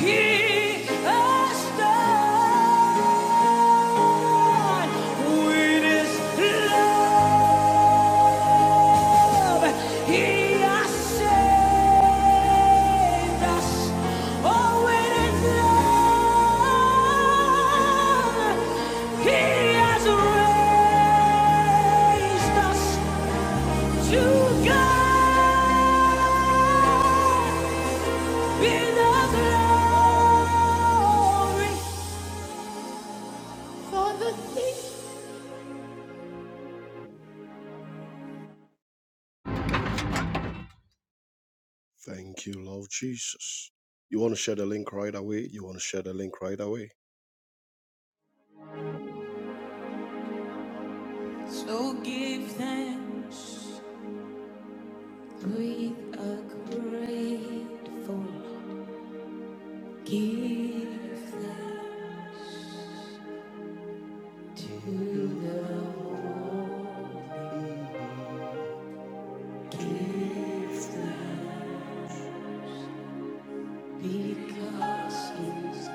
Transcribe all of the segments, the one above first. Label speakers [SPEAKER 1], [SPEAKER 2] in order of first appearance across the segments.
[SPEAKER 1] He has done. with his love. He has saved us. Oh, with his love, he has raised us to God. Be the glory for the things Thank you, Lord Jesus. You want to share the link right away? You want to share the link right away? So give thanks with a grateful heart. Give thanks. Give thanks. Because He's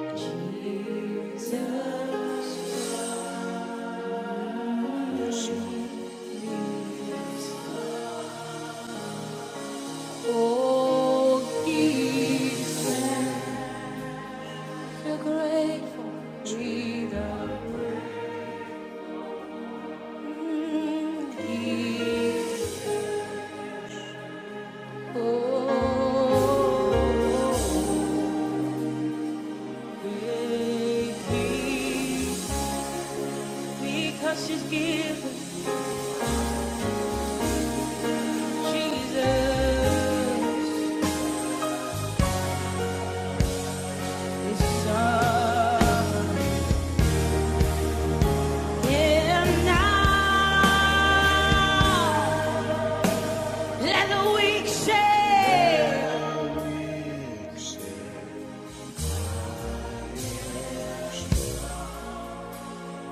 [SPEAKER 1] good. Jesus. Yes, Lord. Oh, give thanks. We're grateful, Jesus. Oh, great because she's given Jesus His Son. And now let the weak say.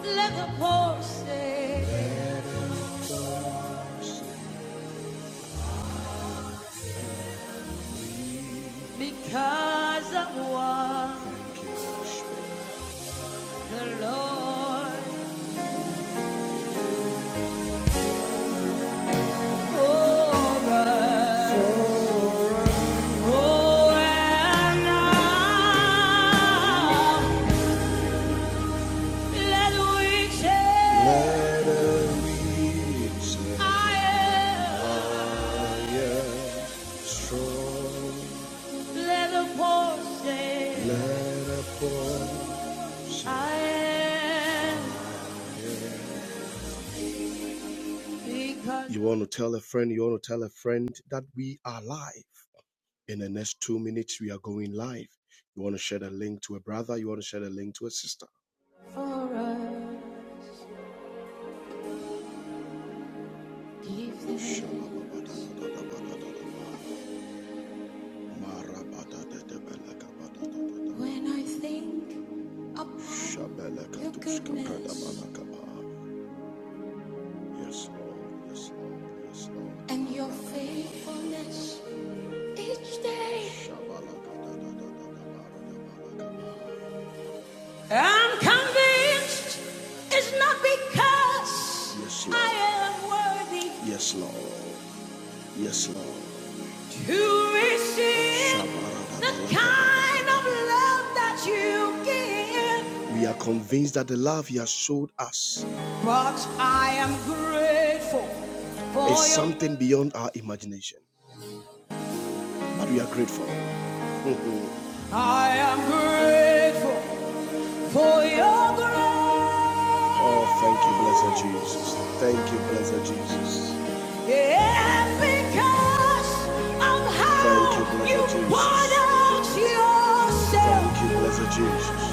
[SPEAKER 1] Let the poor say, because of what the Lord for us. Oh, and now let the weak say, I am. strong. Let the poor say, Let a poor You want to tell a friend, you want to tell a friend that we are live. In the next two minutes, we are going live. You want to share the link to a brother, you want to share the link to a sister. for us. Give thanks when I think upon your goodness Yes, Lord. Yes, Lord. Yes, Lord. and your faithfulness each day. I'm convinced it's not because Yes, I am worthy, Yes, Lord. Yes, Lord to receive the kind of love that you give. We are convinced that the love you have showed us but I am grateful for is something beyond our imagination. But we are grateful. I am grateful For your grace, Oh, thank you, blessed Jesus. Thank you, blessed Jesus. yeah, because of how Thank you, how you blessed poured Jesus. out yourself, Thank you, blessed Jesus.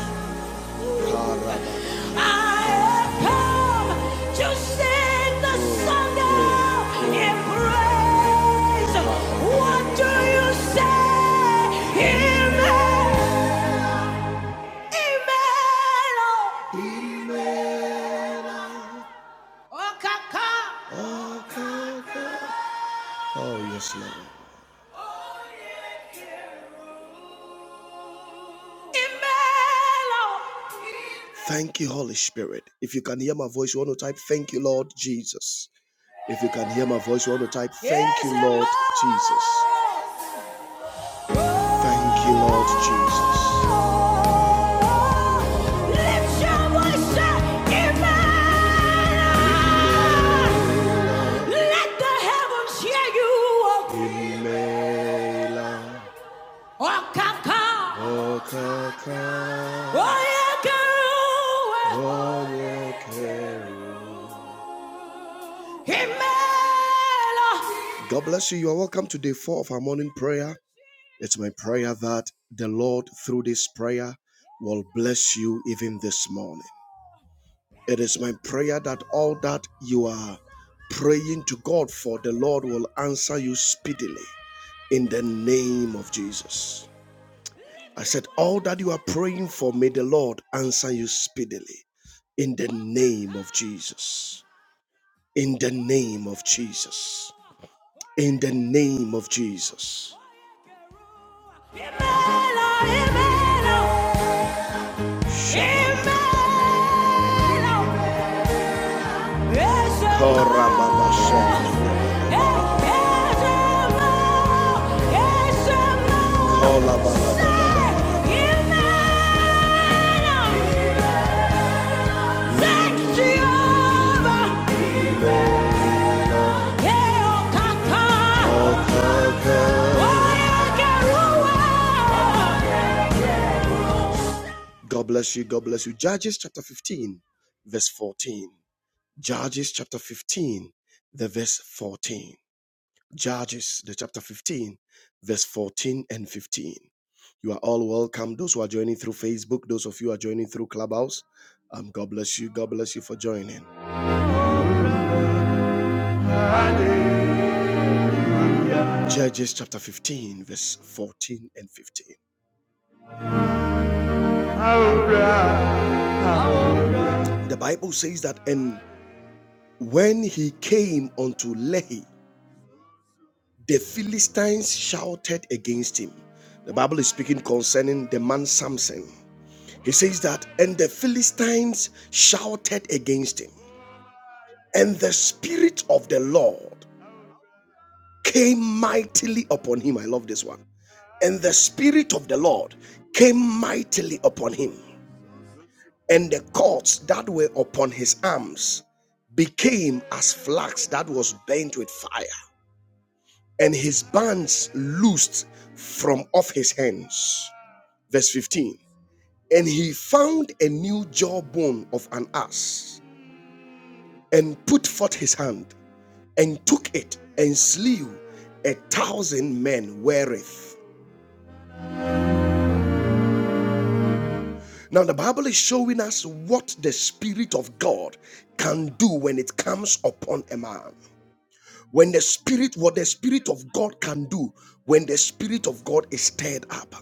[SPEAKER 1] I have come to sing the song of in praise. What do you say, Amen? Imelo. Okaka. Oh, yes, Lord. Imelo. Thank you, Holy Spirit. If you can hear my voice, you want to type, Thank you, Lord Jesus. If you can hear my voice, you want to type, Thank Yes, you, Lord Jesus. Thank you, Lord Jesus. Lift your voice, say, Imelo. Let the heavens hear you. Oh, come, come. Okaka, Oh, yeah, Himela. God bless you. You are welcome to day four of our morning prayer. It's my prayer that the Lord, through this prayer, will bless you even this morning. It is my prayer that all that you are praying to God for, the Lord will answer you speedily. in the name of Jesus. I said, All that you are praying for, may the Lord answer you speedily in the name of Jesus. In the name of Jesus. In the name of Jesus. Shabbat. God bless you. God bless you. Judges chapter 15 verse 14. Judges chapter 15, the verse 14. Judges, the chapter 15, verse 14 and 15. You are all welcome. Those who are joining through Facebook, those of you who are joining through Clubhouse, um, God bless you. God bless you for joining. Judges chapter 15, verse 14 and 15. The Bible says that, and when he came unto Lehi, The Philistines shouted against him. The Bible is speaking concerning the man Samson. He says that, and the Philistines shouted against him, and the Spirit of the Lord came mightily upon him. I love this one. And the Spirit of the Lord came mightily upon him, and the cords that were upon his arms became as flax that was burnt with fire, and his bands loosed from off his hands. Verse 15. And he found a new jawbone of an ass and put forth his hand and took it and slew a thousand men wherewith. Now, the Bible is showing us what the Spirit of God can do when it comes upon a man. When the spirit, what the spirit of God can do, when the spirit of God is stirred up.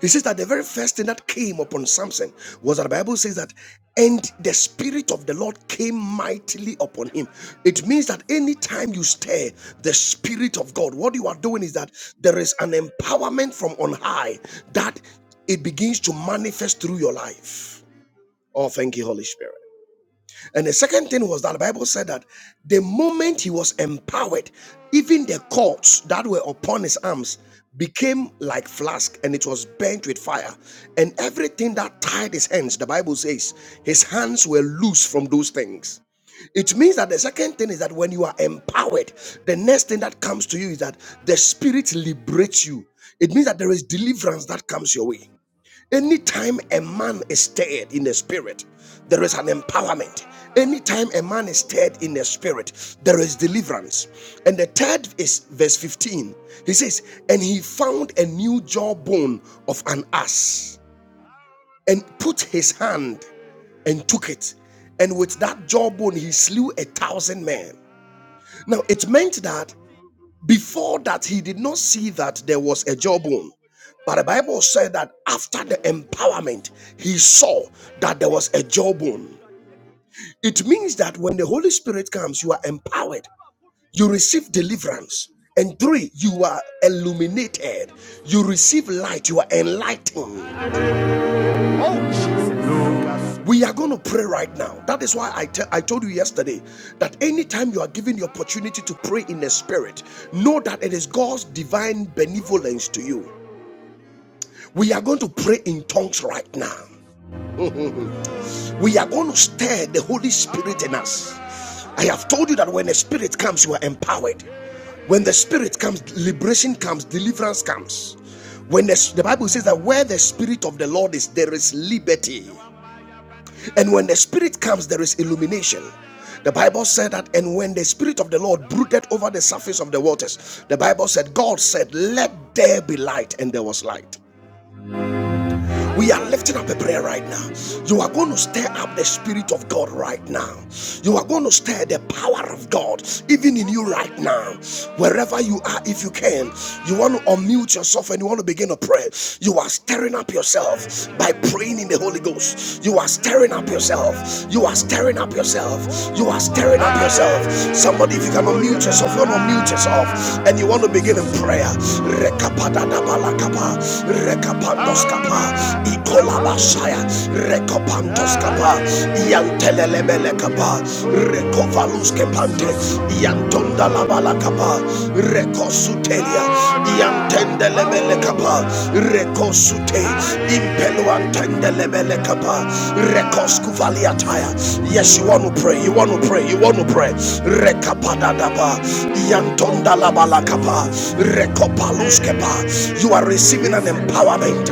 [SPEAKER 1] He says that the very first thing that came upon Samson was that the Bible says that, and the Spirit of the Lord came mightily upon him. It means that anytime you stir the Spirit of God, what you are doing is that there is an empowerment from on high that it begins to manifest through your life. Oh, thank you, Holy Spirit. And the second thing was that the Bible said that the moment he was empowered, even the cords that were upon his arms became like flask and it was burnt with fire. And everything that tied his hands, the Bible says, his hands were loose from those things. It means that the second thing is that when you are empowered, the next thing that comes to you is that the spirit liberates you. It means that there is deliverance that comes your way. Anytime a man is stirred in the spirit, there is an empowerment. Anytime a man is stirred in the spirit, there is deliverance. And the third is verse 15. He says, And he found a new jawbone of an ass and put his hand and took it. And with that jawbone, he slew a thousand men. Now, it meant that before that, he did not see that there was a jawbone. But the Bible said that after the empowerment, he saw that there was a jawbone. It means that when the Holy Spirit comes, you are empowered, you receive deliverance. And three, you are illuminated, you receive light, you are enlightened. Oh, We are going to pray right now. That is why I, te- I told you yesterday that anytime you are given the opportunity to pray in the spirit, know that it is God's divine benevolence to you. We are going to pray in tongues right now. We are going to stir the Holy Spirit in us. I have told you that when the Spirit comes, you are empowered. When the Spirit comes, liberation comes, deliverance comes. When the, the Bible says that where the Spirit of the Lord is, there is liberty. And when the Spirit comes, there is illumination. The Bible said that, and when the Spirit of the Lord brooded over the surface of the waters, the Bible said, God said, Let there be light, and there was light. We are lifting up a prayer right now. You are going to stir up the Spirit of God right now. You are going to stir the power of God even in you right now. Wherever you are, if you can, you want to unmute yourself and you want to begin a prayer. You are stirring up yourself by praying in the Holy Ghost. You are stirring up yourself. You are stirring up yourself. You are stirring up yourself. Somebody, if you can unmute yourself, you want to unmute yourself and you want to begin in prayer prayer. Rekapadana balakapa, rekapandoskapa, ikolabashaya, rekopandoskapa, iantelelemelekapa, rekovaluskepante, iantondalabalakapa, rekosutelia, iantendelemelekapa, rekosute, impeluantendelemelekapa, rekoskuvaliataya. Yes, you want to pray, you want to pray, you want to pray. Rekapadadaba, Yantondalabalakapa, Rekopaluskepa. You are receiving an empowerment.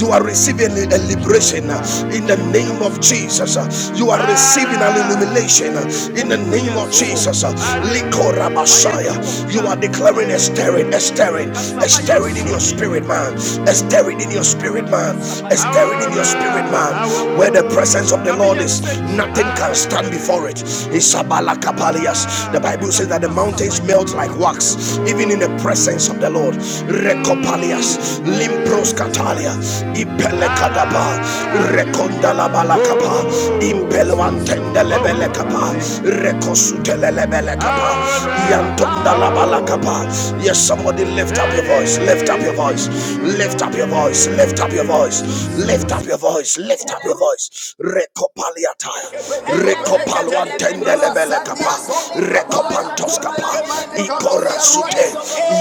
[SPEAKER 1] You are receiving a liberation in the name of Jesus. You are receiving an illumination in the name of Jesus. Likora Messiah. You are declaring a stirring, a stirring, a stirring in your spirit, man. A stirring in your spirit, man. A stirring in your spirit, man. Where the the presence of the Lord is, nothing can stand before it. Isabalakapalias. The Bible says that the mountains melt like wax, even in the presence of the Lord. Rekopalias, Limpros Catalia, Ipelekadaba, Rekondalabalakapa, Impelwantendelebelekapa, Rekosutelelebelekapa, Yantondalabalakapa. Yes, somebody lift up your voice, lift up your voice, Lift up your voice, lift up your voice, lift up your voice, lift up your voice. Recopaliataya, recopaluantendelebele capa, recopantos capa, icora sute,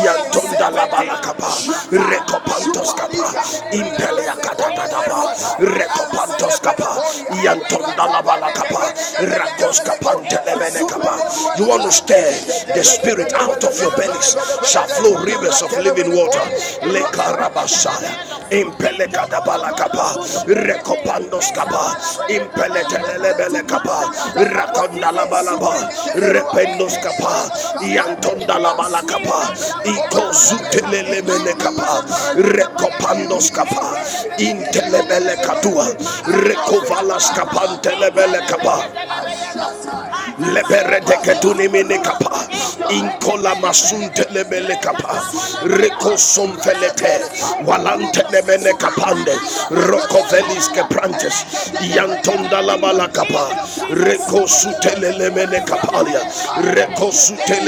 [SPEAKER 1] yantonda la bala capa, recopantos capa, impelia catatapa, recopantos capa, yantonda la capa, racos capantelebele capa. You understand the spirit it out of your bellies shall flow rivers of living water. Lekarabasaya, impelekadabalakapa, rekopandoskapa, impeletelelebelekapa, rakondalabalaba, rependoskapa, yantondalabalakapa, ikozutelelemelekapa, rekopandoskapa, intelebelekatua, rekovalaskapantelebelekapa leberete ketuni mene kapa inkola masunte lebele kapa reko somfelete walante lebele kapande roko velis ke prantes yantonda la bala kapa reko lebele kapalia reko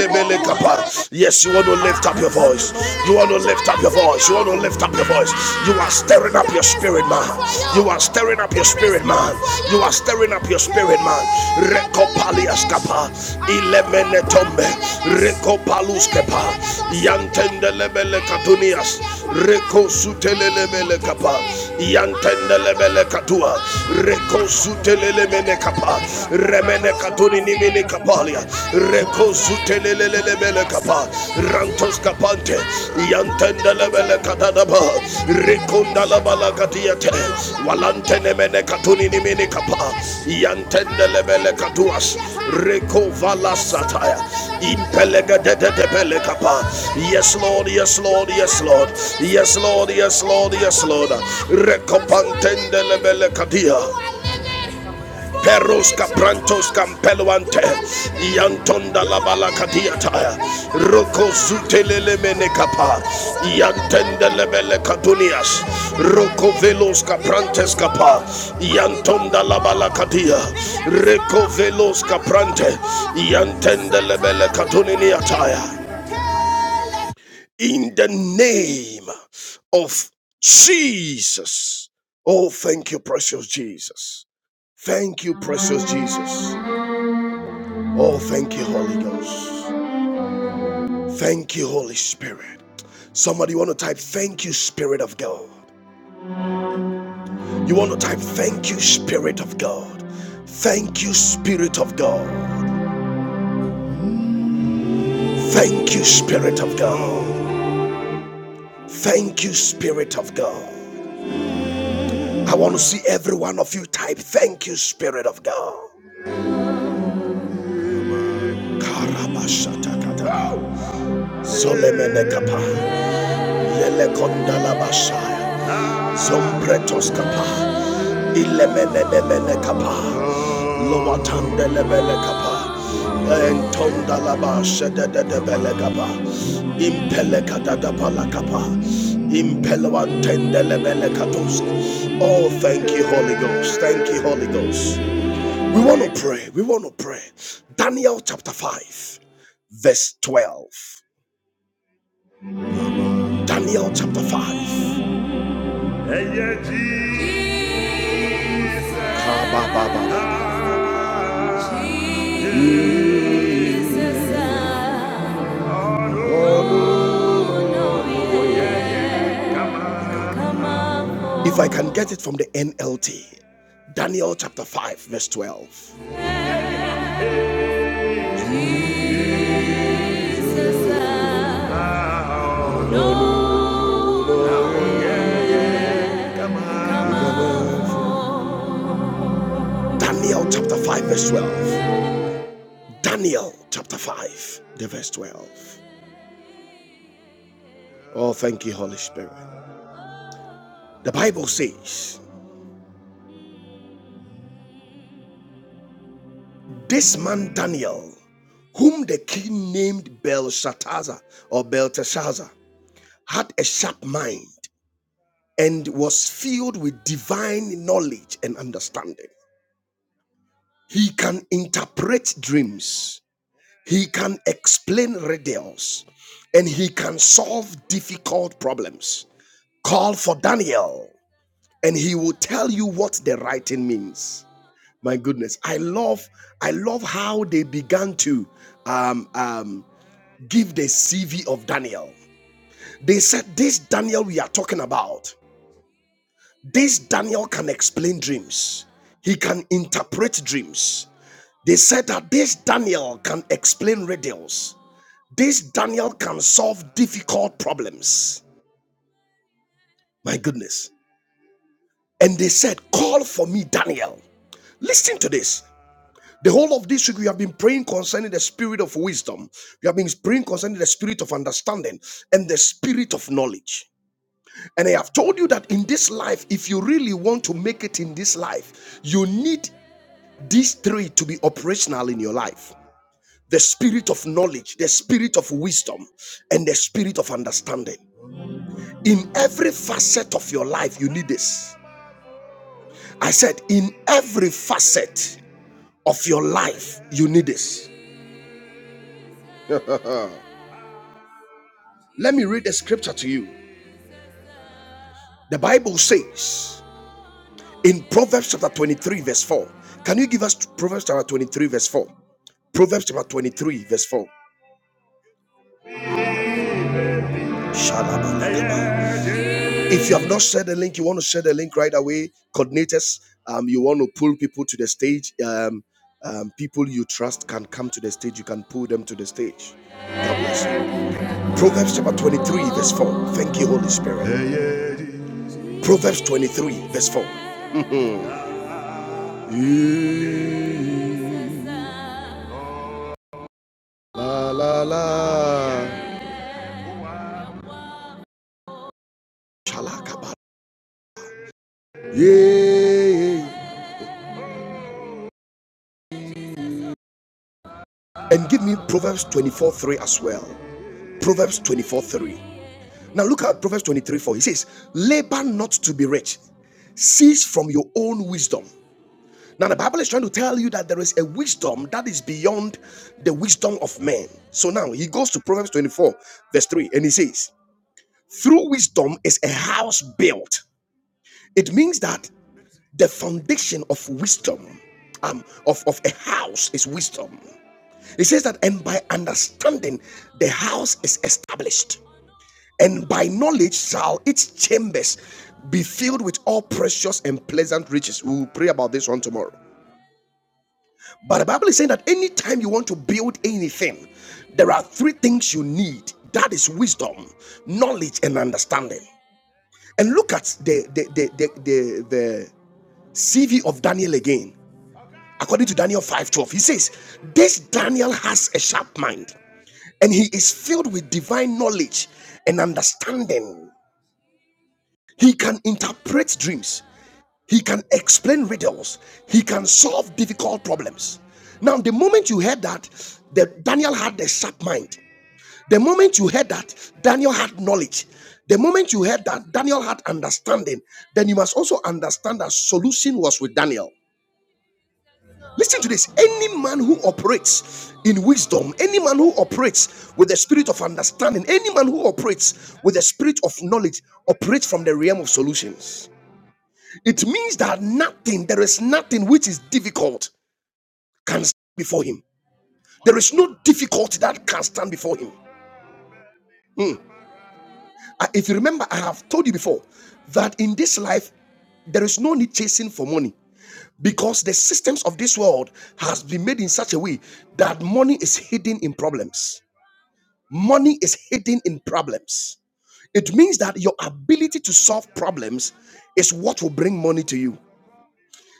[SPEAKER 1] lebele kapa yes you want to lift up your voice you want to lift up your voice you want to lift up your voice you are stirring up up your spirit, man. You are stirring up your spirit, man. You are stirring up your spirit, man. Recopaliascapa, Ilemenetombe, Recopaluscapa, Yantendelebele Catunias, Recosutelebele Capa, Yantendelebele katua. Recosutelebele Capa, Remene katuni Nimini Capalia, Recosutelebele. Yantendele bele kapa, rantos kapante, yantendele bele kadadaba, rekunda la walantene mene katuni yantendele bele katuas, vala sataya, impelega de de Yes Lord, yes Lord, yes Lord, yes Lord, yes Lord, yes Lord, rekopantendele bele Peros caprantos campeluante, Yantonda la balacadiata, Roko zutelele menecapa, Yantende lebele cadunias, Roko velos caprantes capa, Yantonda la balacadia, Reco velos caprante, Yantende lebele caduniata. In the name of Jesus. Oh, thank you, precious Jesus. Thank you, precious Jesus. Oh, thank you, Holy Ghost. Thank you, Holy Spirit. Somebody want to type, Thank you, Spirit of God. You want to type, Thank you, Spirit of God. Thank you, Spirit of God. Thank you, Spirit of God. Thank you, Spirit of God. I want to see every one of you type, Thank you, Spirit of God. Karabashatakata. Zolemenekapa. Lelekondalabashaya. Sompretos kapa, ilemelebele kapa, lowatandelebele kapa, entondalaba shedededebele kapa, impele kadadabala kapa, impeloantendelebele katos. Oh, thank you, Holy Ghost. Thank you, Holy Ghost. We want to pray. We want to pray. Daniel chapter 5, verse 12. Daniel chapter 5. Ah, If I can get it from the NLT, Daniel chapter 5, verse 12. Daniel chapter 5, verse 12. Daniel chapter 5, the verse 12. Oh, thank you, Holy Spirit. The Bible says, This man Daniel, whom the king named Belshazzar or Belteshazzar, had a sharp mind and was filled with divine knowledge and understanding. He can interpret dreams, he can explain riddles, and he can solve difficult problems. Call for Daniel, and he will tell you what the writing means. My goodness, I love, I love how they began to um, um, give the CV of Daniel. They said, "This Daniel we are talking about." This Daniel can explain dreams. He can interpret dreams. They said that this Daniel can explain riddles. This Daniel can solve difficult problems. My goodness. And they said, Call for me, Daniel. Listen to this. The whole of this week, we have been praying concerning the spirit of wisdom. We have been praying concerning the spirit of understanding and the spirit of knowledge. And I have told you that in this life, if you really want to make it in this life, you need these three to be operational in your life the spirit of knowledge, the spirit of wisdom, and the spirit of understanding. In every facet of your life, you need this. I said, in every facet of your life, you need this. Let me read the scripture to you. The Bible says in Proverbs chapter 23, verse 4. Can you give us Proverbs chapter 23, verse 4? Proverbs chapter 23, verse 4. Shalabalabalaba. If you have not shared the link, you want to share the link right away. Coordinators, um, you want to pull people to the stage. Um, um, people you trust can come to the stage. You can pull them to the stage. God bless you. Proverbs chapter 23, verse 4. Thank you, Holy Spirit. Hey. Proverbs 23, verse 4. Mm, La la la. Shalakaba. Yeah. And give me Proverbs 24, 3 as well. Proverbs 24, 3. Now look at Proverbs 23 4. It says, Labor not to be rich, cease from your own wisdom. Now the Bible is trying to tell you that there is a wisdom that is beyond the wisdom of man. So now he goes to Proverbs 24, verse 3, and he says, Through wisdom is a house built. It means that the foundation of wisdom, um, of, of a house is wisdom. It says that, and by understanding, the house is established. and by knowledge shall its chambers be filled with all precious and pleasant riches. We will pray about this one tomorrow. But the Bible is saying that anytime you want to build anything, there are three things you need that is wisdom, knowledge, and understanding. And look at the the the the, the, the CV of Daniel again. According to Daniel 5:12, he says, This Daniel has a sharp mind, and he is filled with divine knowledge and understanding. He can interpret dreams. He can explain riddles. He can solve difficult problems. Now, the moment you heard that, that Daniel had a sharp mind. The moment you heard that, Daniel had knowledge. The moment you heard that, Daniel had understanding. Then you must also understand that solution was with Daniel. Listen to this. Any man who operates in wisdom, any man who operates with the spirit of understanding, any man who operates with the spirit of knowledge operates from the realm of solutions. It means that nothing, there is nothing which is difficult can stand before him. There is no difficulty that can stand before him. Hmm. Uh, If you remember, I have told you before that in this life, there is no need chasing for money because the systems of this world has been made in such a way that money is hidden in problems. Money is hidden in problems. It means that your ability to solve problems is what will bring money to you.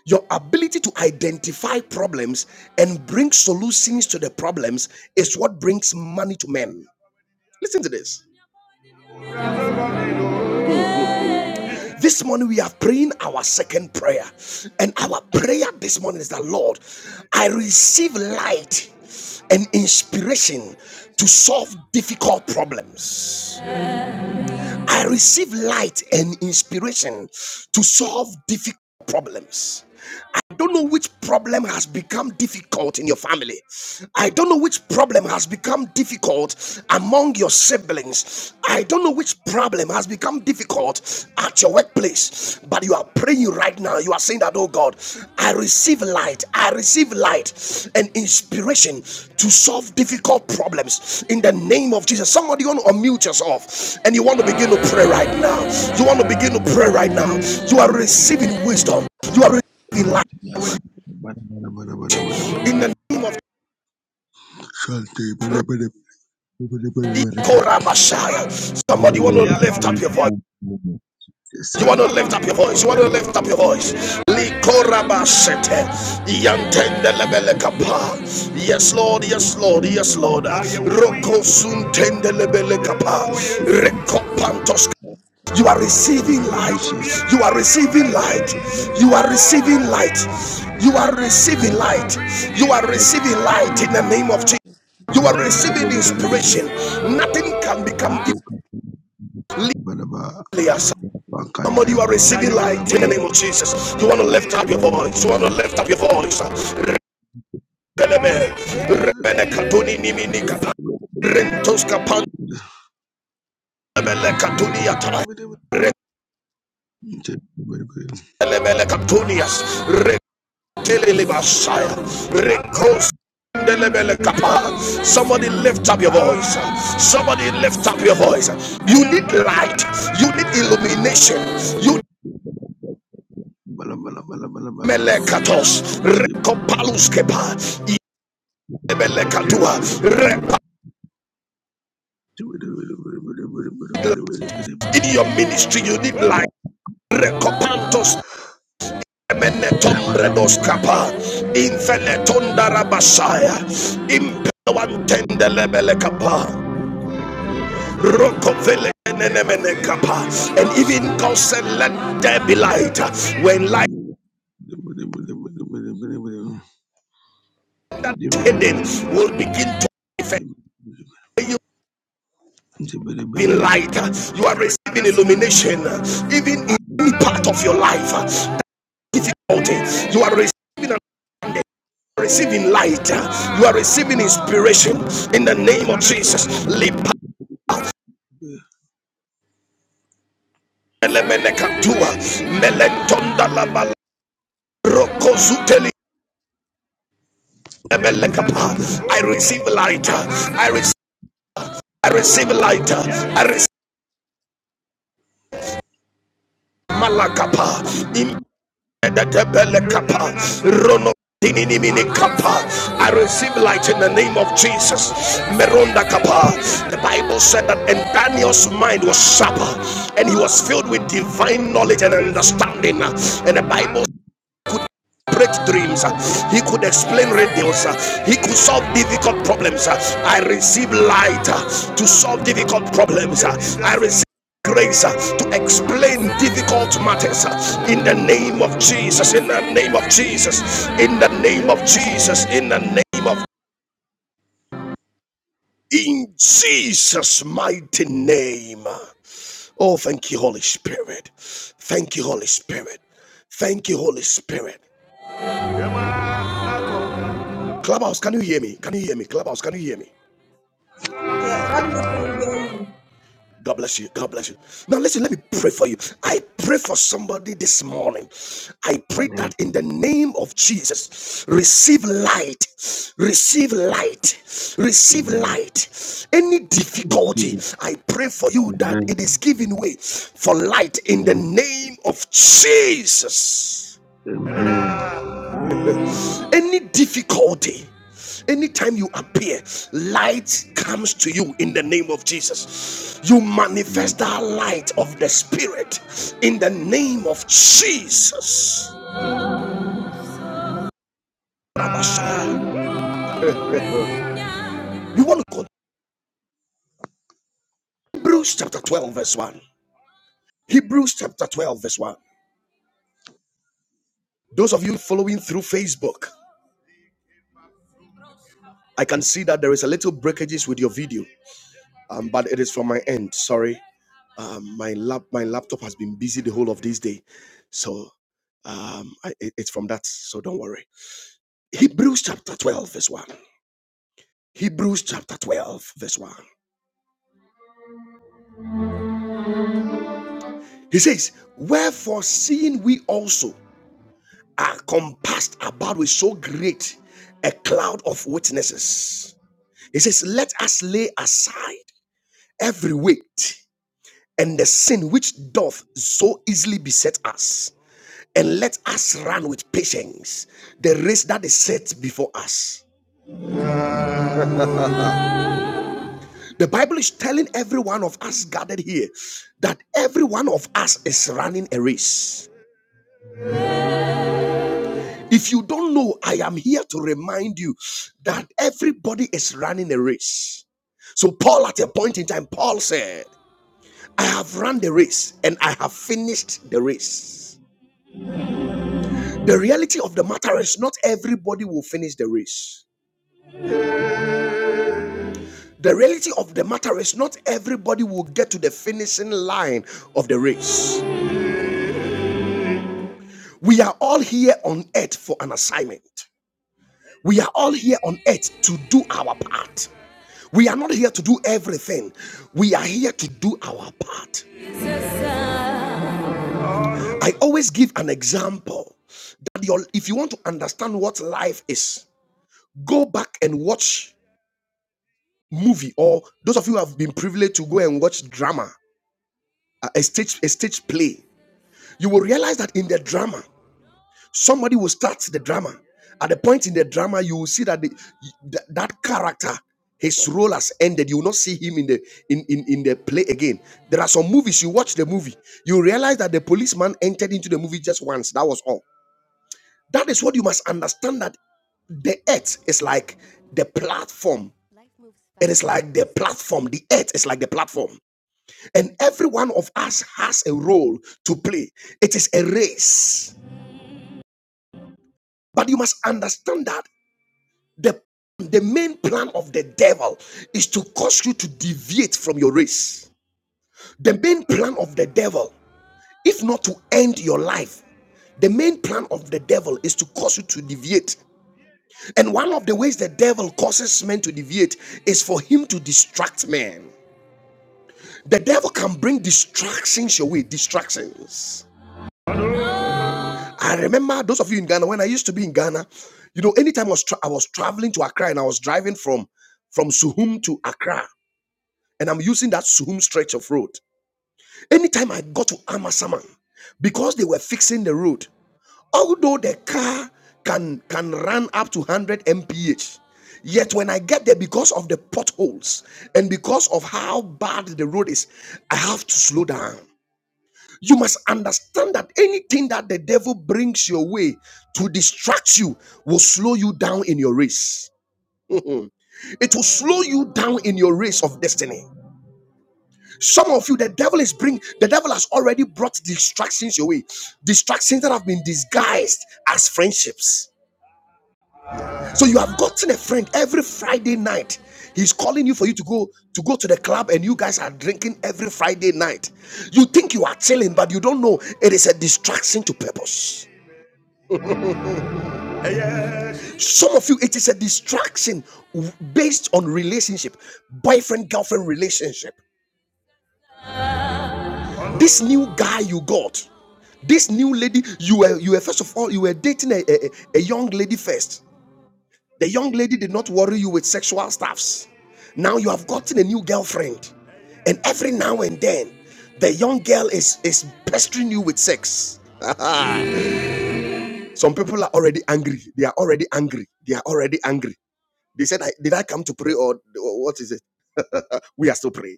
[SPEAKER 1] Your ability to identify problems and bring solutions to the problems is what brings money to men. Listen to this. This morning we are praying our second prayer. And our prayer this morning is that Lord, I receive light and inspiration to solve difficult problems. I receive light and inspiration to solve difficult problems. I don't know which problem has become difficult in your family. I don't know which problem has become difficult among your siblings. I don't know which problem has become difficult at your workplace. But you are praying right now. You are saying that, oh God, I receive light. I receive light and inspiration to solve difficult problems in the name of Jesus. Somebody you want to unmute yourself and you want to begin to pray right now. You want to begin to pray right now. You are receiving wisdom. You are receiving
[SPEAKER 2] Bala
[SPEAKER 1] light
[SPEAKER 2] bala bala bala bala bala bala
[SPEAKER 1] in
[SPEAKER 2] bala
[SPEAKER 1] the name of Ikorabashaya. Somebody want to lift up your voice. You want to lift up your voice. You want to lift up your voice. Likorabashete. Yantendelebelekapa. Yes, Lord. Yes, Lord. Yes, Lord. Rokosuntendelebelekapa. Rekopantos. You are receiving light. You are receiving light. You are receiving light. You are receiving light. You are receiving light in the name of Jesus. You are
[SPEAKER 3] Thank
[SPEAKER 1] receiving inspiration. Nothing can become deeply as
[SPEAKER 3] you, Lord.
[SPEAKER 1] Somebody you are receiving light in the name of Jesus. You want to lift up your voice. You want to lift up your voice. Rebeleme,
[SPEAKER 2] bala bala
[SPEAKER 1] rebele katuni
[SPEAKER 2] Thank
[SPEAKER 1] katuni yatai, mele katunias, Somebody lift up your voice. Somebody lift up your voice. You need light. You need illumination. You need melekatos. Rekopalus kepa. In your ministry, you need light. Rekopantos. Emenetombrados kapa. Infeletondarabasaya. Impewantendelebele kapa. And even God said, Let there be light. When light that's hidden will begin to manifest. You are in light, you are receiving illumination, even in any part of your life. That difficulty, you are receiving receiving light, you are receiving inspiration in the name of Jesus.
[SPEAKER 2] you. Amen.
[SPEAKER 1] I receive light. I receive. I receive light. I receive malakapa. Impedebelekapa. Rono. dininiminekapa. I receive light in the name of Jesus. Meronda kapa. The Bible said that and
[SPEAKER 3] We
[SPEAKER 1] Daniel's
[SPEAKER 3] thank
[SPEAKER 1] mind was sharper and he was filled with divine knowledge and understanding. And the Bible Break dreams. He could explain riddles. He could solve difficult problems. I receive light to solve difficult problems. I receive grace to explain difficult matters in the name of Jesus. In the name of Jesus. In the name of Jesus. In the name of in Jesus' mighty name. Oh, thank you, Holy Spirit. Thank you, Holy Spirit. Thank you, Holy Spirit. Clubhouse, can you hear me?
[SPEAKER 3] you.
[SPEAKER 1] Can you hear me? Clubhouse, can you hear me?
[SPEAKER 4] Yeah, that we can hear
[SPEAKER 1] God bless you. God bless you. Now, listen, let me pray for you. I pray for somebody this morning. I pray that in the name of Jesus, receive light. Receive light. Receive
[SPEAKER 2] Amen.
[SPEAKER 1] light. Any
[SPEAKER 2] I receive
[SPEAKER 1] difficulty,
[SPEAKER 2] it.
[SPEAKER 1] I pray for you that
[SPEAKER 2] Amen.
[SPEAKER 1] it is giving way for light in the
[SPEAKER 2] Amen.
[SPEAKER 1] name of Jesus.
[SPEAKER 2] Amen.
[SPEAKER 1] any difficulty anytime you appear light comes to you in the name of jesus you
[SPEAKER 2] Amen.
[SPEAKER 1] manifest that light of the spirit in the name of jesus you want to go to hebrews chapter 12 verse 1 hebrews chapter 12 verse 1 those of you following through facebook i can see that there is a little breakages with your video um, but it is from my end. Sorry, um, my lap my laptop has been busy the whole of this day, so um, I, it- it's from that. So don't worry. Hebrews chapter twelve, verse one. Hebrews chapter twelve, verse one. He says, "Wherefore, seeing we also are compassed about with so great a cloud of witnesses," he says, "Let us lay aside every weight." And the sin which doth so easily beset us and let us run with patience the race that is set before us. The Bible is telling every one of us gathered here that every one of us is running a race. If you don't know, I am here to remind you that everybody is running a race. So, Paul, at a point in time, Paul said, I have run the race and I have finished the race. The reality of the matter is not everybody will finish the race. The reality of the matter is not everybody will get to the finishing line of the race. We are all here on earth for an assignment. We are all here on earth to do our part. We are not here to do everything. We are here to do our part. I always give an example that your, if you want to understand what life is, go back and watch movie or those of you who have been privileged to go and watch drama, a stage a stage play. You will realize that in the drama Somebody will start the drama. At the point in the drama, you will see that the, that, that character, his role has ended. You will not see him in the in, in in the play again. There are some movies you watch the movie, you realize that the policeman entered into the movie just once. That was all. That is what you must understand that the earth is like the platform. It is like the platform. The earth is like the platform. And every one of us has a role to play. It is a race. But you must understand that. The, the main plan of the devil is to cause you to deviate from your race. The main plan of the devil, if not to end your life, the main plan of the devil is to cause you to deviate. And one of the ways the devil causes men to deviate is for him to distract men. The devil can bring distractions your way, distractions. I remember those of you in Ghana when I used to be in Ghana. You know, anytime I was, tra- I was traveling to Accra and I was driving from from Suhum to Accra, And I'm using that Suhum stretch of road. Anytime I got to Amasaman, because they were fixing the road, although the car can can run up to 100 mph, yet when I get there, because of the potholes and because of how bad the road is, I have to slow down. You must understand that anything that the devil brings your way to distract you will slow you down in your race. it will slow you down in your race of destiny. Some of you, the devil is bring the devil has already brought distractions your way, distractions that have been disguised as friendships. So you have gotten a friend every Friday night. He's calling you for you to go to go to the club, and you guys are drinking every Friday night. You think you are chilling, but you don't know it is a distraction to purpose. Some of you, it is a distraction based on relationship, boyfriend girlfriend relationship. This new guy you got, this new lady, you were you were first of all you were dating a, a, a young lady first. The young lady did not worry you with sexual stuffs. Now you have gotten a new girlfriend, and every now and then, the young girl is is pestering you with sex. Some people are already angry. They are already angry. They are already angry. They said, I, "Did I come to pray or or what is it?" We are still praying.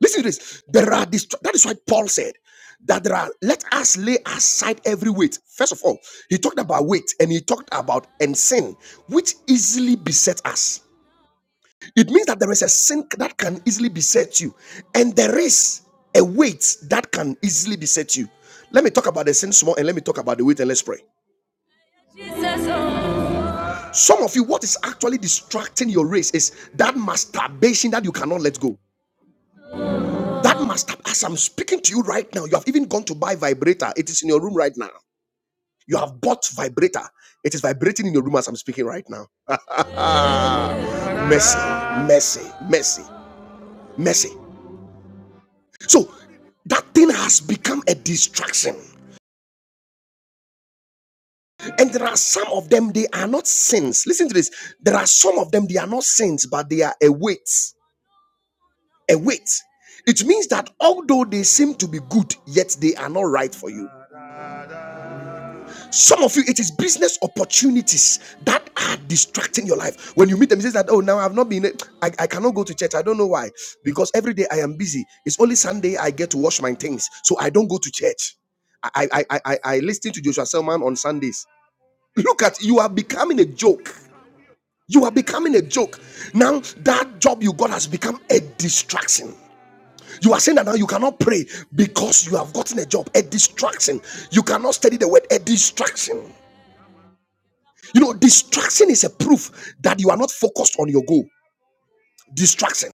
[SPEAKER 1] Listen to this. There are dist- that is why Paul said that there are let us lay aside every weight. First of all, he talked about weight and he talked about and sin, which easily beset us. It means that there is a sin that can easily beset you, and there is a weight that can easily beset you. Let me talk about the sin small and let me talk about the weight and let's pray. Some of you, what is actually distracting your race is that masturbation that you cannot let go. That must have, as I'm speaking to you right now, you have even gone to buy vibrator. It is in your room right now. You have bought vibrator. It is vibrating in your room as I'm speaking right now. Mercy, mercy, mercy, mercy. So that thing has become a distraction. And there are some of them, they are not sins. Listen to this. There are some of them, they are not sins, but they are a weight. A weight. It means that although they seem to be good, yet they are not right for you. Some of you, it is business opportunities that are distracting your life. When you meet them, it says that, oh, now I've not been, I, I cannot go to church. I don't know why. Because every day I am busy. It's only Sunday I get to wash my things. So I don't go to church. I, I, I, I, I listen to Joshua Selman on Sundays. Look at, you are becoming a joke. You are becoming a joke. Now that job you got has become a distraction. You are saying that now you cannot pray because you have gotten a job, a distraction. You cannot study the word, a distraction. You know, distraction is a proof that you are not focused on your goal. Distraction.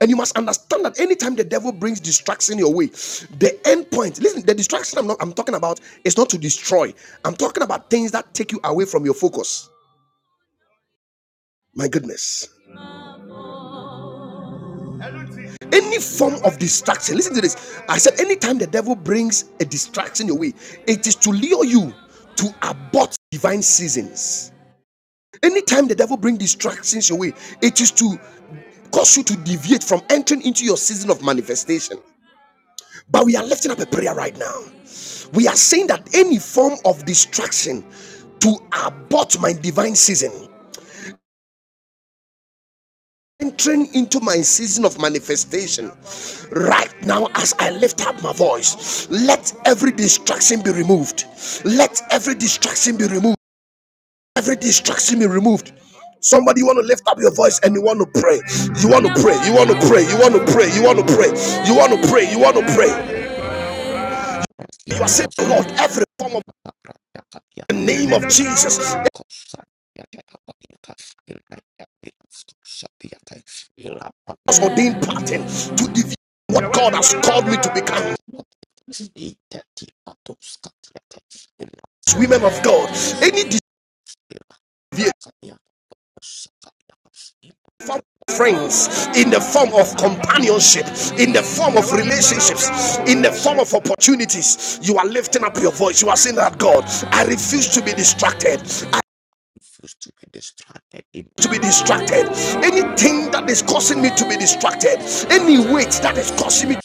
[SPEAKER 1] And you must understand that anytime the devil brings distraction your way, the end point, listen, the distraction I'm not I'm talking about is not to destroy. I'm talking about things that take you away from your focus. My goodness. Any form of distraction, listen to this. I said, anytime the devil brings a distraction your way, it is to lure you to abort divine seasons. Anytime the devil brings distractions your way, it is to cause you to deviate from entering into your season of manifestation. But we are lifting up a prayer right now. We are saying that any form of distraction to abort my divine season, entering into my season of manifestation, right now as I lift up my voice, let every distraction be removed. Let every distraction be removed. Every distraction be removed. Somebody, you want to lift up your voice and you want to pray. You want to pray. You want to pray. You want to pray. You want to pray. You want to pray. You want to pray. You are saying, Lord, every form of the name of Jesus it was ordained pattern to deviate what God has called me to become. As Women of God, any deviation form friends in the form of companionship, in the form of relationships, in the form of opportunities, you are lifting up your voice. You are saying that God, I refuse to be distracted. I
[SPEAKER 5] Refuse to be distracted in
[SPEAKER 1] to be distracted anything that is causing me to be distracted
[SPEAKER 5] in
[SPEAKER 1] any weight that
[SPEAKER 5] the
[SPEAKER 1] is causing me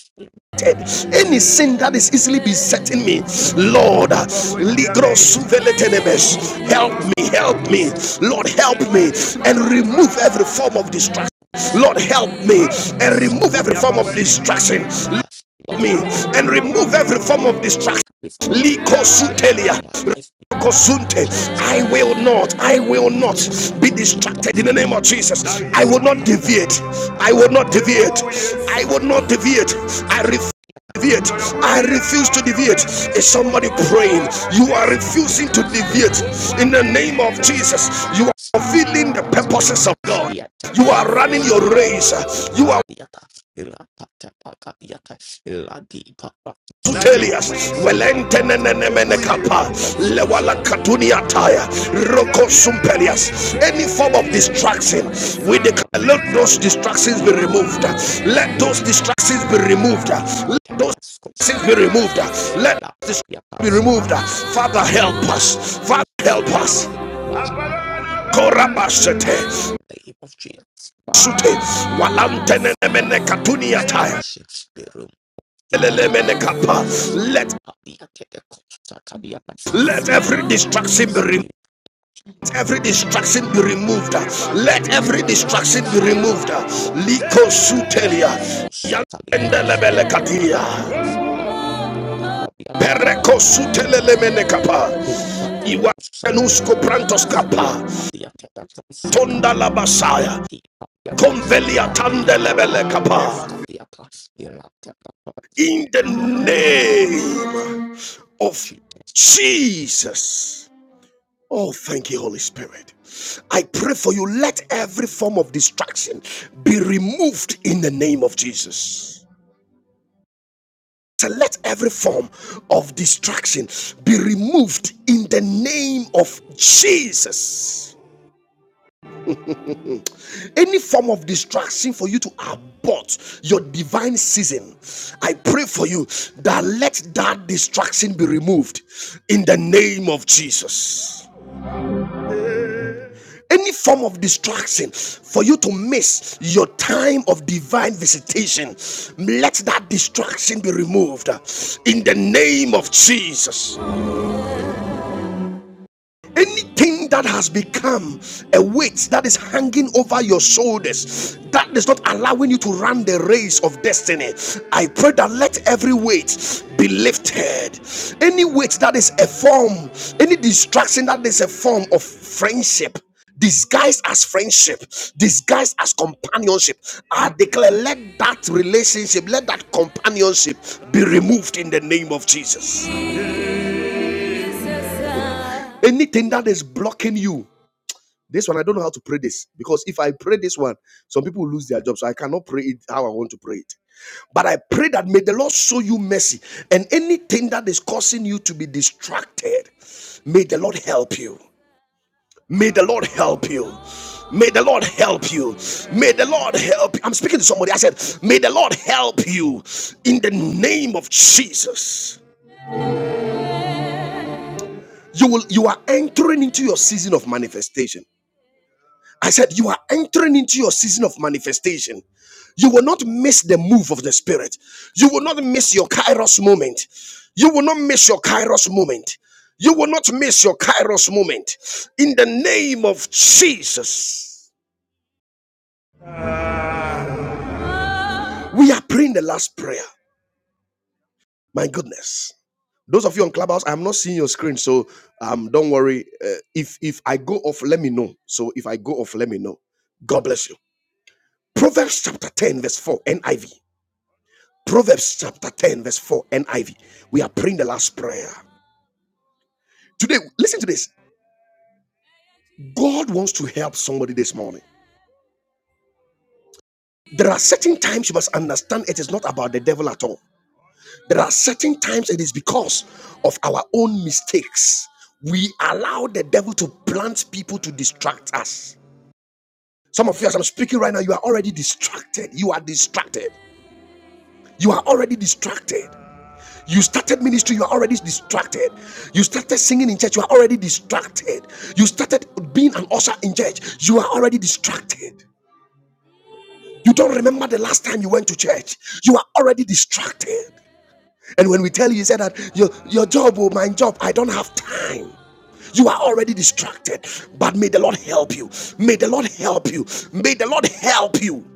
[SPEAKER 1] eh, Any
[SPEAKER 5] city.
[SPEAKER 1] sin that is easily besetting me,
[SPEAKER 5] The
[SPEAKER 1] Lord, ah,
[SPEAKER 5] place la
[SPEAKER 1] ligro
[SPEAKER 5] ya kapatas e
[SPEAKER 1] suveletenebes. help
[SPEAKER 5] kapatas
[SPEAKER 1] me, help
[SPEAKER 5] kapatas
[SPEAKER 1] me, Lord,
[SPEAKER 5] e
[SPEAKER 1] help me, and remove
[SPEAKER 5] kapatas
[SPEAKER 1] every form of distraction. Lord,
[SPEAKER 5] e
[SPEAKER 1] help me and remove every form
[SPEAKER 5] sakapatas
[SPEAKER 1] of
[SPEAKER 5] e
[SPEAKER 1] distraction. Help
[SPEAKER 5] kapatas. Lord,
[SPEAKER 1] me
[SPEAKER 5] have
[SPEAKER 1] and remove every
[SPEAKER 5] anything
[SPEAKER 1] form of distraction.
[SPEAKER 5] is of the share
[SPEAKER 1] Likosutelia.
[SPEAKER 5] of my life. in the name of
[SPEAKER 1] Kosunte.
[SPEAKER 5] Jesus.
[SPEAKER 1] I will not, I will not be distracted in the name of Jesus. I will not deviate. I will not deviate. I will not deviate. I refuse. Deviate. I refuse to deviate. Is somebody praying? You are refusing to deviate in the name of Jesus. You are fulfilling the purposes of God. You are running your race. You are Sutelias, Welentenenemenekapa, Lewala Katunia Taya, Roko
[SPEAKER 5] Sakabia,
[SPEAKER 1] Sumpelias.
[SPEAKER 5] let
[SPEAKER 1] Any form of distraction, we declare let those distractions be removed. Let those distractions be removed. Let those distractions be removed. Let those distractions be removed. Father, help us. Father, help us.
[SPEAKER 5] everything pass. and test my life in the
[SPEAKER 1] Korabashete,
[SPEAKER 5] name of Jesus. Father,
[SPEAKER 1] Sute,
[SPEAKER 5] every
[SPEAKER 1] Walantenenemenekatunia Taya,
[SPEAKER 5] distraction be removed in the name of
[SPEAKER 1] Lelemenekapa.
[SPEAKER 5] Jesus. In
[SPEAKER 1] Let
[SPEAKER 5] the name of the Lord,
[SPEAKER 1] let
[SPEAKER 5] I
[SPEAKER 1] every
[SPEAKER 5] come to
[SPEAKER 1] distraction be removed.
[SPEAKER 5] you.
[SPEAKER 1] every distraction be removed. Let every distraction be removed. Liko sutelia. Yandelebele katia. Pereko sutelele menekapa. Iwanusko prantos kapa. Tonda la basaya. Convelia tandelebele kapa. In the name of Jesus. Oh, thank you, Holy Spirit. I pray for you. Let every form of distraction be removed in the name of Jesus. So let every form of distraction be removed in the name of Jesus. Any form of distraction for you to abort your divine season, I pray for you that let that distraction be removed in the name of Jesus. any form of distraction for you to miss your time of divine visitation let that distraction be removed in the name of jesus anything that has become a weight that is hanging over your shoulders that is not allowing you to run the race of destiny i pray that let every weight be lifted any weight that is a form any distraction that is a form of friendship disguised as friendship, disguised as companionship. I declare, let that relationship, let that companionship be removed in the name of Jesus. Anything that is blocking you, This one, I don't know how to pray this because if I pray this one, some people will lose their job. So I cannot pray it how I want to pray it. But I pray that may the Lord show you mercy and anything that is causing you to be distracted, may the Lord help you. May the Lord help you. May the Lord help you. May the Lord help you. I'm speaking to somebody. I said, May the Lord help you in the name of Jesus.
[SPEAKER 4] you.
[SPEAKER 1] You will you are entering into your season of manifestation. I said, You are entering into your season of manifestation. You will not miss the move of the Spirit. You will not miss your Kairos moment. You will not miss your Kairos moment. You will not miss your Kairos moment. In the name of Jesus, we are praying the last prayer. My goodness. Those of you on Clubhouse, I'm not seeing your screen, so um, don't worry. Uh, if if I go off, let me know. So if I go off, let me know. God bless you. Proverbs chapter 10, verse 4, NIV. Proverbs chapter 10, verse 4, NIV. We are praying the last prayer. Today, listen to this. God wants to help somebody this morning. There are certain times you must understand it is not about the devil at all. There are certain times it is because of our own mistakes. We allow the devil to plant people to distract us. Some of you, as I'm speaking right now, you are already distracted. You are distracted. You are already distracted. You started ministry, you are already distracted. You started singing in church, you are already distracted. You started being an usher in church, you are already distracted. You don't remember the last time you went to church, you are already distracted. And when we tell you, you say that your, your job, oh, my job, I don't have time. You are already distracted, but may the Lord help you. May the Lord help you. May the Lord help you.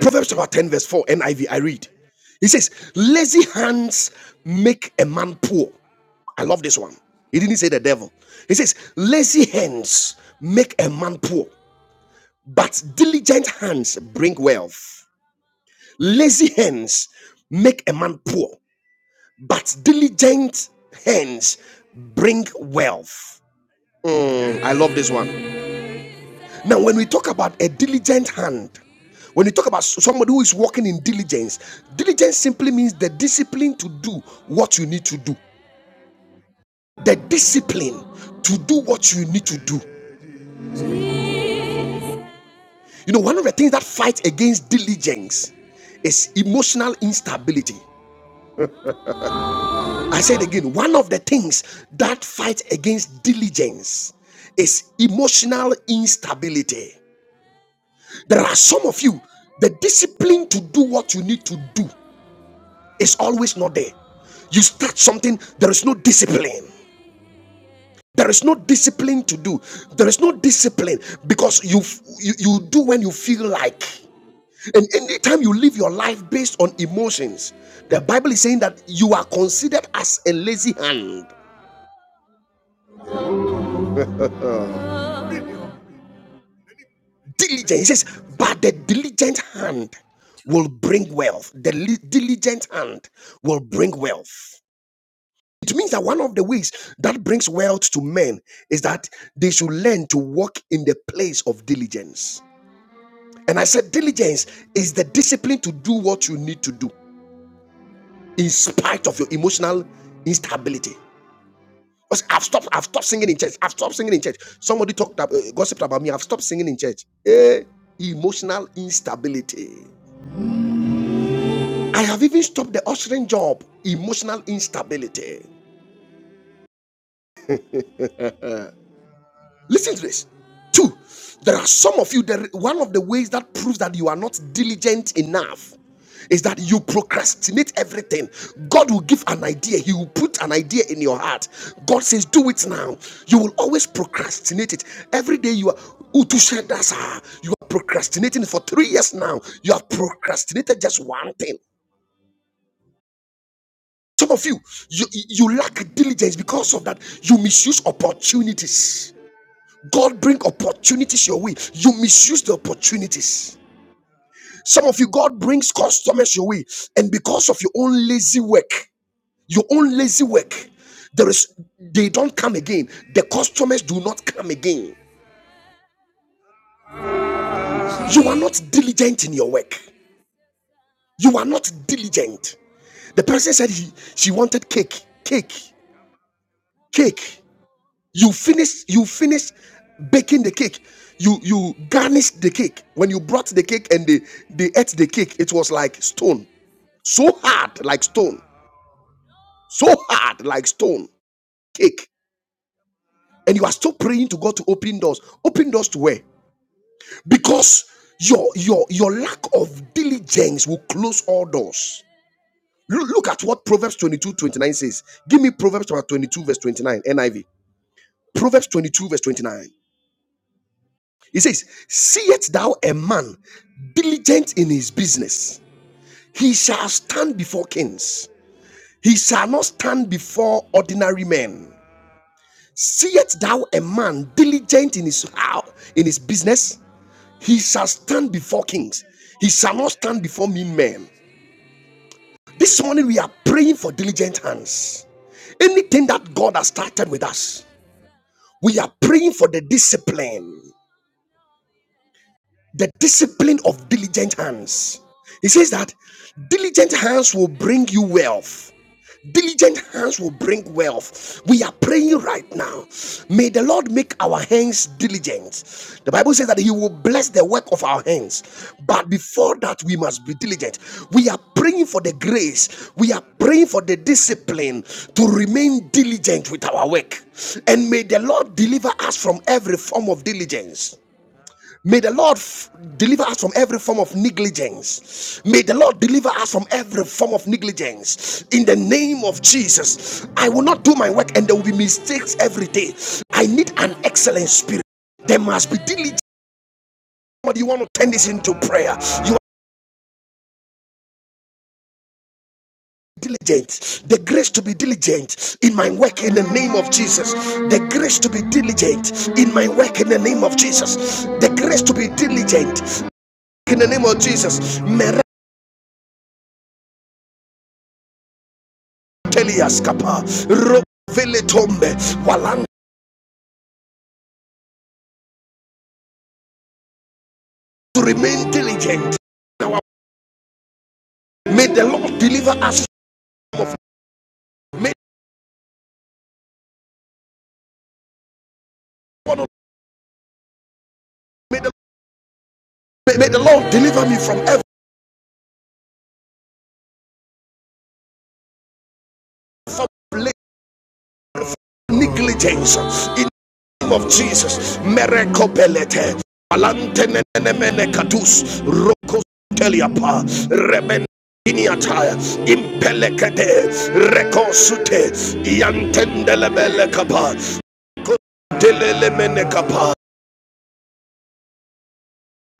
[SPEAKER 1] Proverbs chapter 10, verse 4, NIV. I V, I read. He says, Lazy hands make a man poor. I love this one. He didn't say the devil. He says, Lazy hands make a man poor, but diligent hands bring wealth. Lazy hands make a man poor, but diligent hands bring wealth. Mm, I love this one. Now, when we talk about a diligent hand, when you talk about somebody who is working in diligence, diligence simply means the discipline to do what you need to do. The discipline to do what you need to do. You know, one of the things that fights against diligence is emotional instability. I said again, one of the things that fights against diligence is emotional instability. There are some of you, the discipline to do what you need to do It's always not there. You start something, there is no discipline. There is no discipline to do. There is no discipline because you you, you do when you feel like. And anytime you live your life based on emotions, the Bible is saying that you are considered as a lazy hand. Diligent, it says, but the diligent hand will bring wealth. The diligent hand will bring wealth. It means that one of the ways that brings wealth to men is that they should learn to walk in the place of diligence. And I said, diligence is the discipline to do what you need to do in spite of your emotional instability. I've stopped, I've stopped singing in church. I've stopped singing in church. Somebody talked, ab- uh, gossiped about me. I've stopped singing in church. Eh, emotional instability. I have even stopped the ushering job. Emotional instability. Listen to this. Two, there are some of you, there, one of the ways that proves that you are not diligent enough is that you procrastinate everything. God will give an idea, He will put an idea in your heart. God says, Do it now. You will always procrastinate it. Every day you are, Utu said that, you are procrastinating for three years now. You have procrastinated just one thing. Some of you, you, you lack diligence because of that. You misuse opportunities God bring opportunities your way. You misuse the opportunities. Some of you, God brings customers your way, and because of your own lazy work, your own lazy work, there is they don't come again. The customers do not come again. You are not diligent in your work. You are not diligent. The person said he she wanted cake, cake, cake. You finish you finish baking the cake. You you garnished the cake. When you brought the cake and they they ate the cake, it was like stone. So hard like stone. So hard like stone. Cake. And you are still praying to God to open doors. Open doors to where? Because your your your lack of diligence will close all doors. Look at what Proverbs 22 29 says. Give me Proverbs 22, verse 29, NIV. Proverbs 22, verse 29. He says, Seest thou a man diligent in his business? He shall stand before kings. He shall not stand before ordinary men. Seest thou a man diligent in his how in his business? He shall stand before kings. He shall not stand before mean men. This morning we are praying for diligent hands. Anything that God has started with us, we are praying for the discipline. the discipline of diligent hands. He says that diligent hands will bring you wealth. Diligent hands will bring wealth. We are praying right now. May the Lord make our hands diligent. The Bible says that He will bless the work of our hands. But before that, we must be diligent. We are praying for the grace. We are praying for the discipline to remain diligent with our work. And may the Lord deliver us from every form of diligence. May the Lord f- deliver us from every form of negligence. May the Lord deliver us from every form of negligence. In the name of Jesus, I will not do my work and there will be mistakes every day. I need an excellent spirit. There must be diligence. But you want to turn this into prayer. You are diligent. The grace to be diligent in my work in the name of Jesus. The grace to be diligent in my work in the name of Jesus. The grace to be diligent in the name of Jesus. May Telias Kappa, Walang, to remain diligent. May the Lord deliver us. May the Lord, may the, Lord deliver me from every negligence in the name of Jesus. Merekopelete, Alantenenemene Katus, Rokos Teliapa, Remen. Iniataya, impelekete, rekosute, yantendelebele kapa,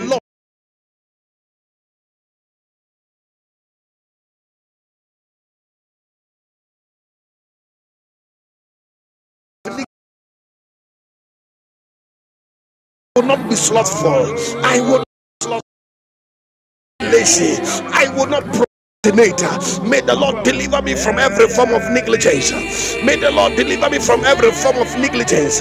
[SPEAKER 1] Lord, I will not be slothful. I will not be lazy. I will not procrastinate. May the Lord deliver me from every form of negligence. May the Lord deliver me from every form of negligence.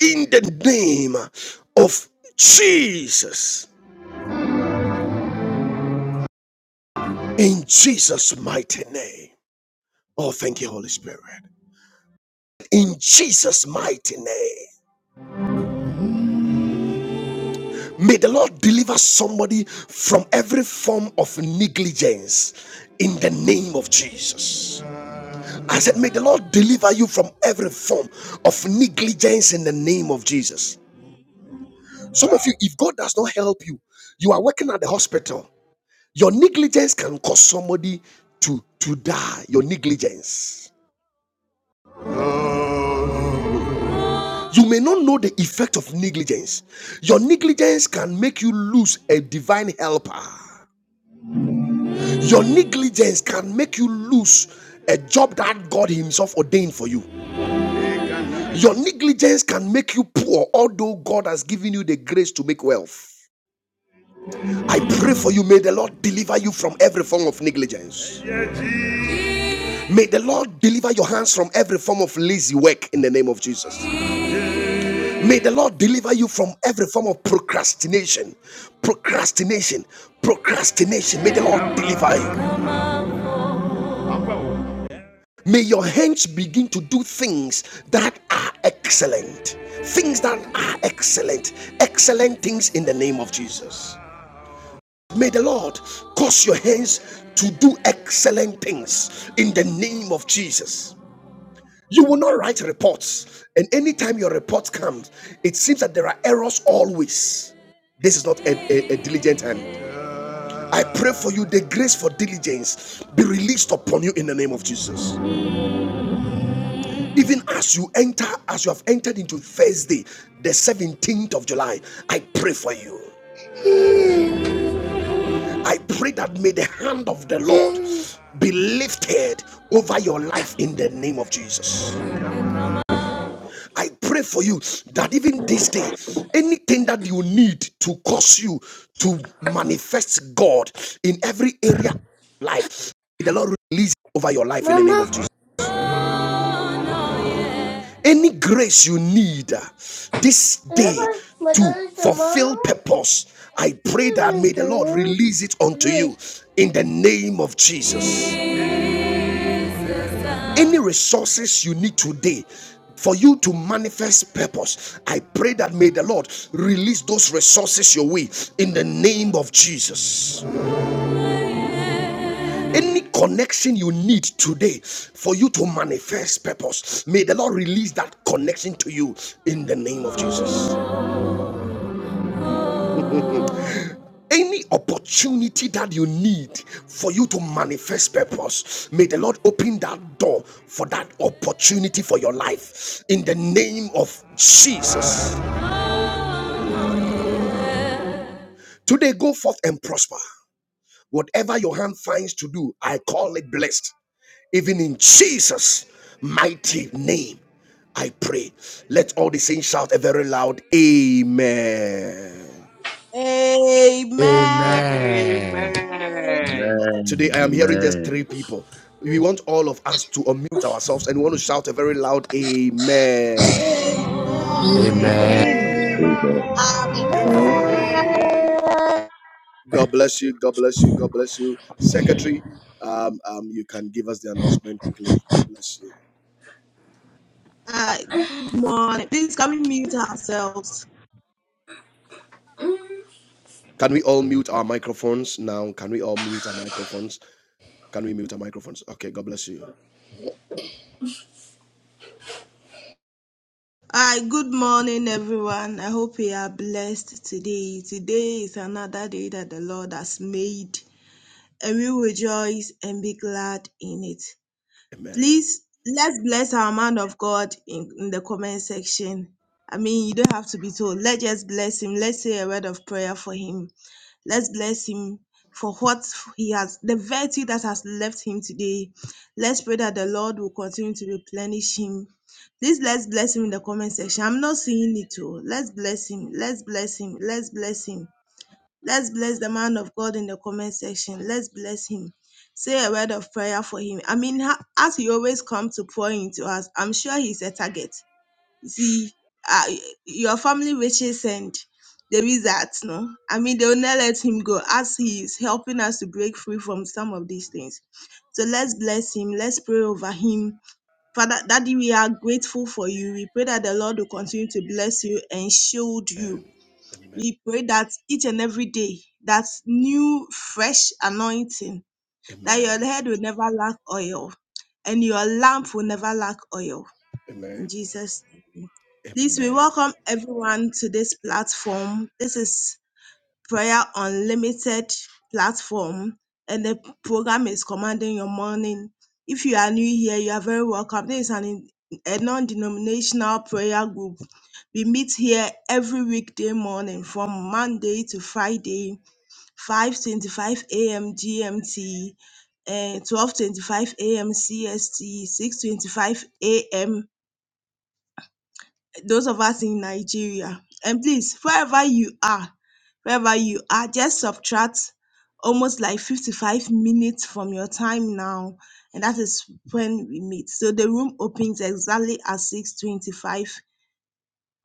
[SPEAKER 1] In the name of Jesus, in Jesus' mighty name. Oh, thank you, Holy Spirit. In Jesus' mighty name. May the Lord deliver somebody from every form of negligence in the name of Jesus. I said, May the Lord deliver you from every form of negligence in the name of Jesus. Some of you, if God does not help you, you are working at the hospital. Your negligence can cause somebody to, to die. Your negligence. You may not know the effect of negligence. Your negligence can make you lose a divine helper. Your negligence can make you lose a job that God Himself ordained for you. Your negligence can make you poor, although God has given you the grace to make wealth. I pray for you. May the Lord deliver you from every form of negligence. May the Lord deliver your hands from every form of lazy work in the name of Jesus. May the Lord deliver you from every form of procrastination. Procrastination. Procrastination. May the Lord deliver you. May your hands begin to do things that are excellent. Things that are excellent. Excellent things in the name of Jesus. May the Lord cause your hands to do excellent things in the name of Jesus. You will not write reports, and anytime your report comes, it seems that there are errors always. This is not a, a, a diligent hand. I pray for you, the grace for diligence be released upon you in the name of Jesus. Even as you enter, as you have entered into Thursday, the 17th of July, I pray for you. I pray that may the hand of the Lord be lifted over your life in the name of Jesus. I pray for you that even this day, anything that you need to cause you to manifest God in every area of life, the Lord release over your life in the name
[SPEAKER 6] Mama,
[SPEAKER 1] of Jesus. any grace you need uh, this day
[SPEAKER 6] remember my
[SPEAKER 1] to
[SPEAKER 6] daughter's tomorrow?
[SPEAKER 1] fulfill purpose i pray
[SPEAKER 6] We're
[SPEAKER 1] that
[SPEAKER 6] going
[SPEAKER 1] may the lord
[SPEAKER 6] to lose
[SPEAKER 1] release it unto you
[SPEAKER 6] weight.
[SPEAKER 1] in the name of jesus any resources you need today for you to manifest purpose i pray that may the lord release those resources your way in the name of jesus any connection you need today for you to manifest purpose may the lord release that connection to you in the name of jesus
[SPEAKER 4] Amen.
[SPEAKER 1] any opportunity that you need for you to manifest purpose may the lord open that door for that opportunity for your life in the name of jesus today go forth and prosper whatever your hand finds to do i call it blessed even in jesus mighty name i pray let all the saints shout a very loud amen
[SPEAKER 5] Amen.
[SPEAKER 4] Amen.
[SPEAKER 7] Amen.
[SPEAKER 1] Today, I am hearing just
[SPEAKER 2] Amen.
[SPEAKER 1] three people. We want all of us to unmute ourselves and we want to shout a very loud Amen.
[SPEAKER 8] Thank
[SPEAKER 5] Amen.
[SPEAKER 7] Amen.
[SPEAKER 4] Amen.
[SPEAKER 9] Amen.
[SPEAKER 6] Mama.
[SPEAKER 4] Amen.
[SPEAKER 1] God bless you. God bless you. God bless you. Secretary, um, um, you can give us the announcement quickly. God bless you.
[SPEAKER 4] Hi, good morning. Please can we mute ourselves?
[SPEAKER 1] Can we all mute our microphones now? Can we all mute our microphones? Can we mute our microphones? Okay, God bless you.
[SPEAKER 4] Hi, good morning, everyone. I hope you are blessed today. Today is another day that the Lord has made, and we will rejoice and be glad in it.
[SPEAKER 1] Amen.
[SPEAKER 4] Please let's bless our man of God in, in the comment section. I mean, you don't have to be told. Let's just bless him. Let's say a word of prayer for him. Let's bless him for what he has, the virtue that has left him today. Let's pray that the Lord will continue to replenish him. Please let's bless him in the comment section. I'm not seeing it all. Let's bless him. Let's bless him. Let's bless him. Let's bless the man of God in the comment section. Let's bless him. Say a word of prayer for him. I mean, ha- as he always comes to pour into us, I'm sure he's a target. You see, uh, your family riches and there is that, no? I mean, they'll not let him go as he is helping us to break free from some of these things. So let's bless him. Let's pray over him. Father, Daddy, we are grateful for you. We pray that the Lord will continue to bless you and shield you
[SPEAKER 1] Amen. Amen.
[SPEAKER 4] we pray that each and every day, that new, fresh anointing, that
[SPEAKER 1] Amen.
[SPEAKER 4] your head will never lack oil and your lamp will never lack oil. In
[SPEAKER 1] Amen.
[SPEAKER 4] Jesus' name. Please, we
[SPEAKER 1] Amen.
[SPEAKER 4] welcome everyone to this platform. This is Prayer Unlimited platform, and the program is Commanding Your Morning. If you are new here, you are very welcome. This is an a non denominational prayer group. We meet here every weekday morning from Monday to Friday, 5:25 a.m. GMT, eh, 12:25 a.m. CST, 6:25 a.m those of us in Nigeria. And please, wherever you are, wherever you are, just subtract almost like 55 minutes from your time now. And that is when we meet. So the room opens exactly at 6.25,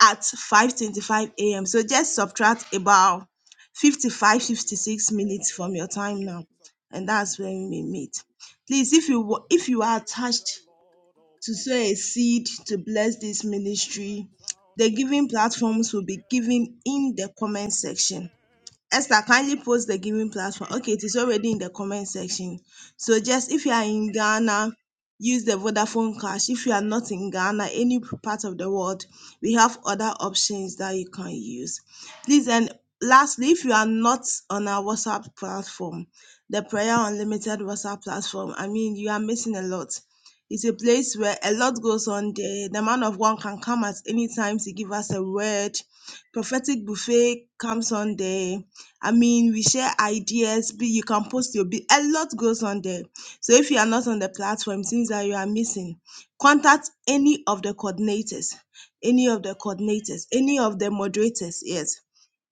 [SPEAKER 4] at 5.25 a.m. So just subtract about 55, 56 minutes from your time now. And that's when we meet. Please, if you wa- if you are attached to sow a seed to bless this ministry. The giving platforms will be given in the comment section. Esther, kindly post the giving platform. Okay, it is already in the comment section. So just if you are in Ghana, use the Vodafone Cash. If you are not in Ghana, any part of the world, we have other options that you can use. Please and lastly, if you are not on our WhatsApp platform, the Prayer Unlimited WhatsApp platform, I mean, you are missing a lot. It's a place where a lot goes on there. The man of one can come at any time to give us a word prophetic buffet comes on there I mean, we share ideas. Be you can post your be a lot goes on there. So if you are not on the platform, things that you are missing, contact any of the coordinators, any of the coordinators, any of the moderators. Yes,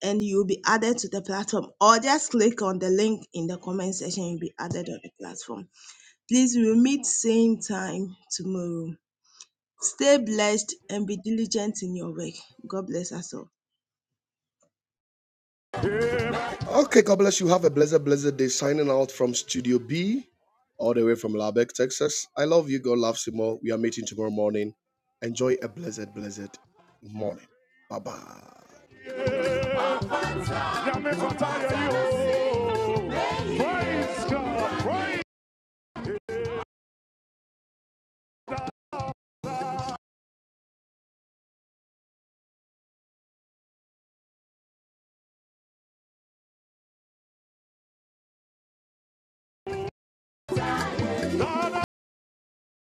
[SPEAKER 4] and you'll be added to the platform. Or just click on the link in the comment section. You'll be added on the platform. Please, we will meet same time tomorrow. Stay blessed and be diligent in your work. God bless us all.
[SPEAKER 1] Okay, God bless you. Have a blessed, blessed day. Signing out from Studio B, all the way from Lubbock, Texas. I love you. God loves you more. We are meeting tomorrow morning. Enjoy a blessed, blessed morning. Bye bye.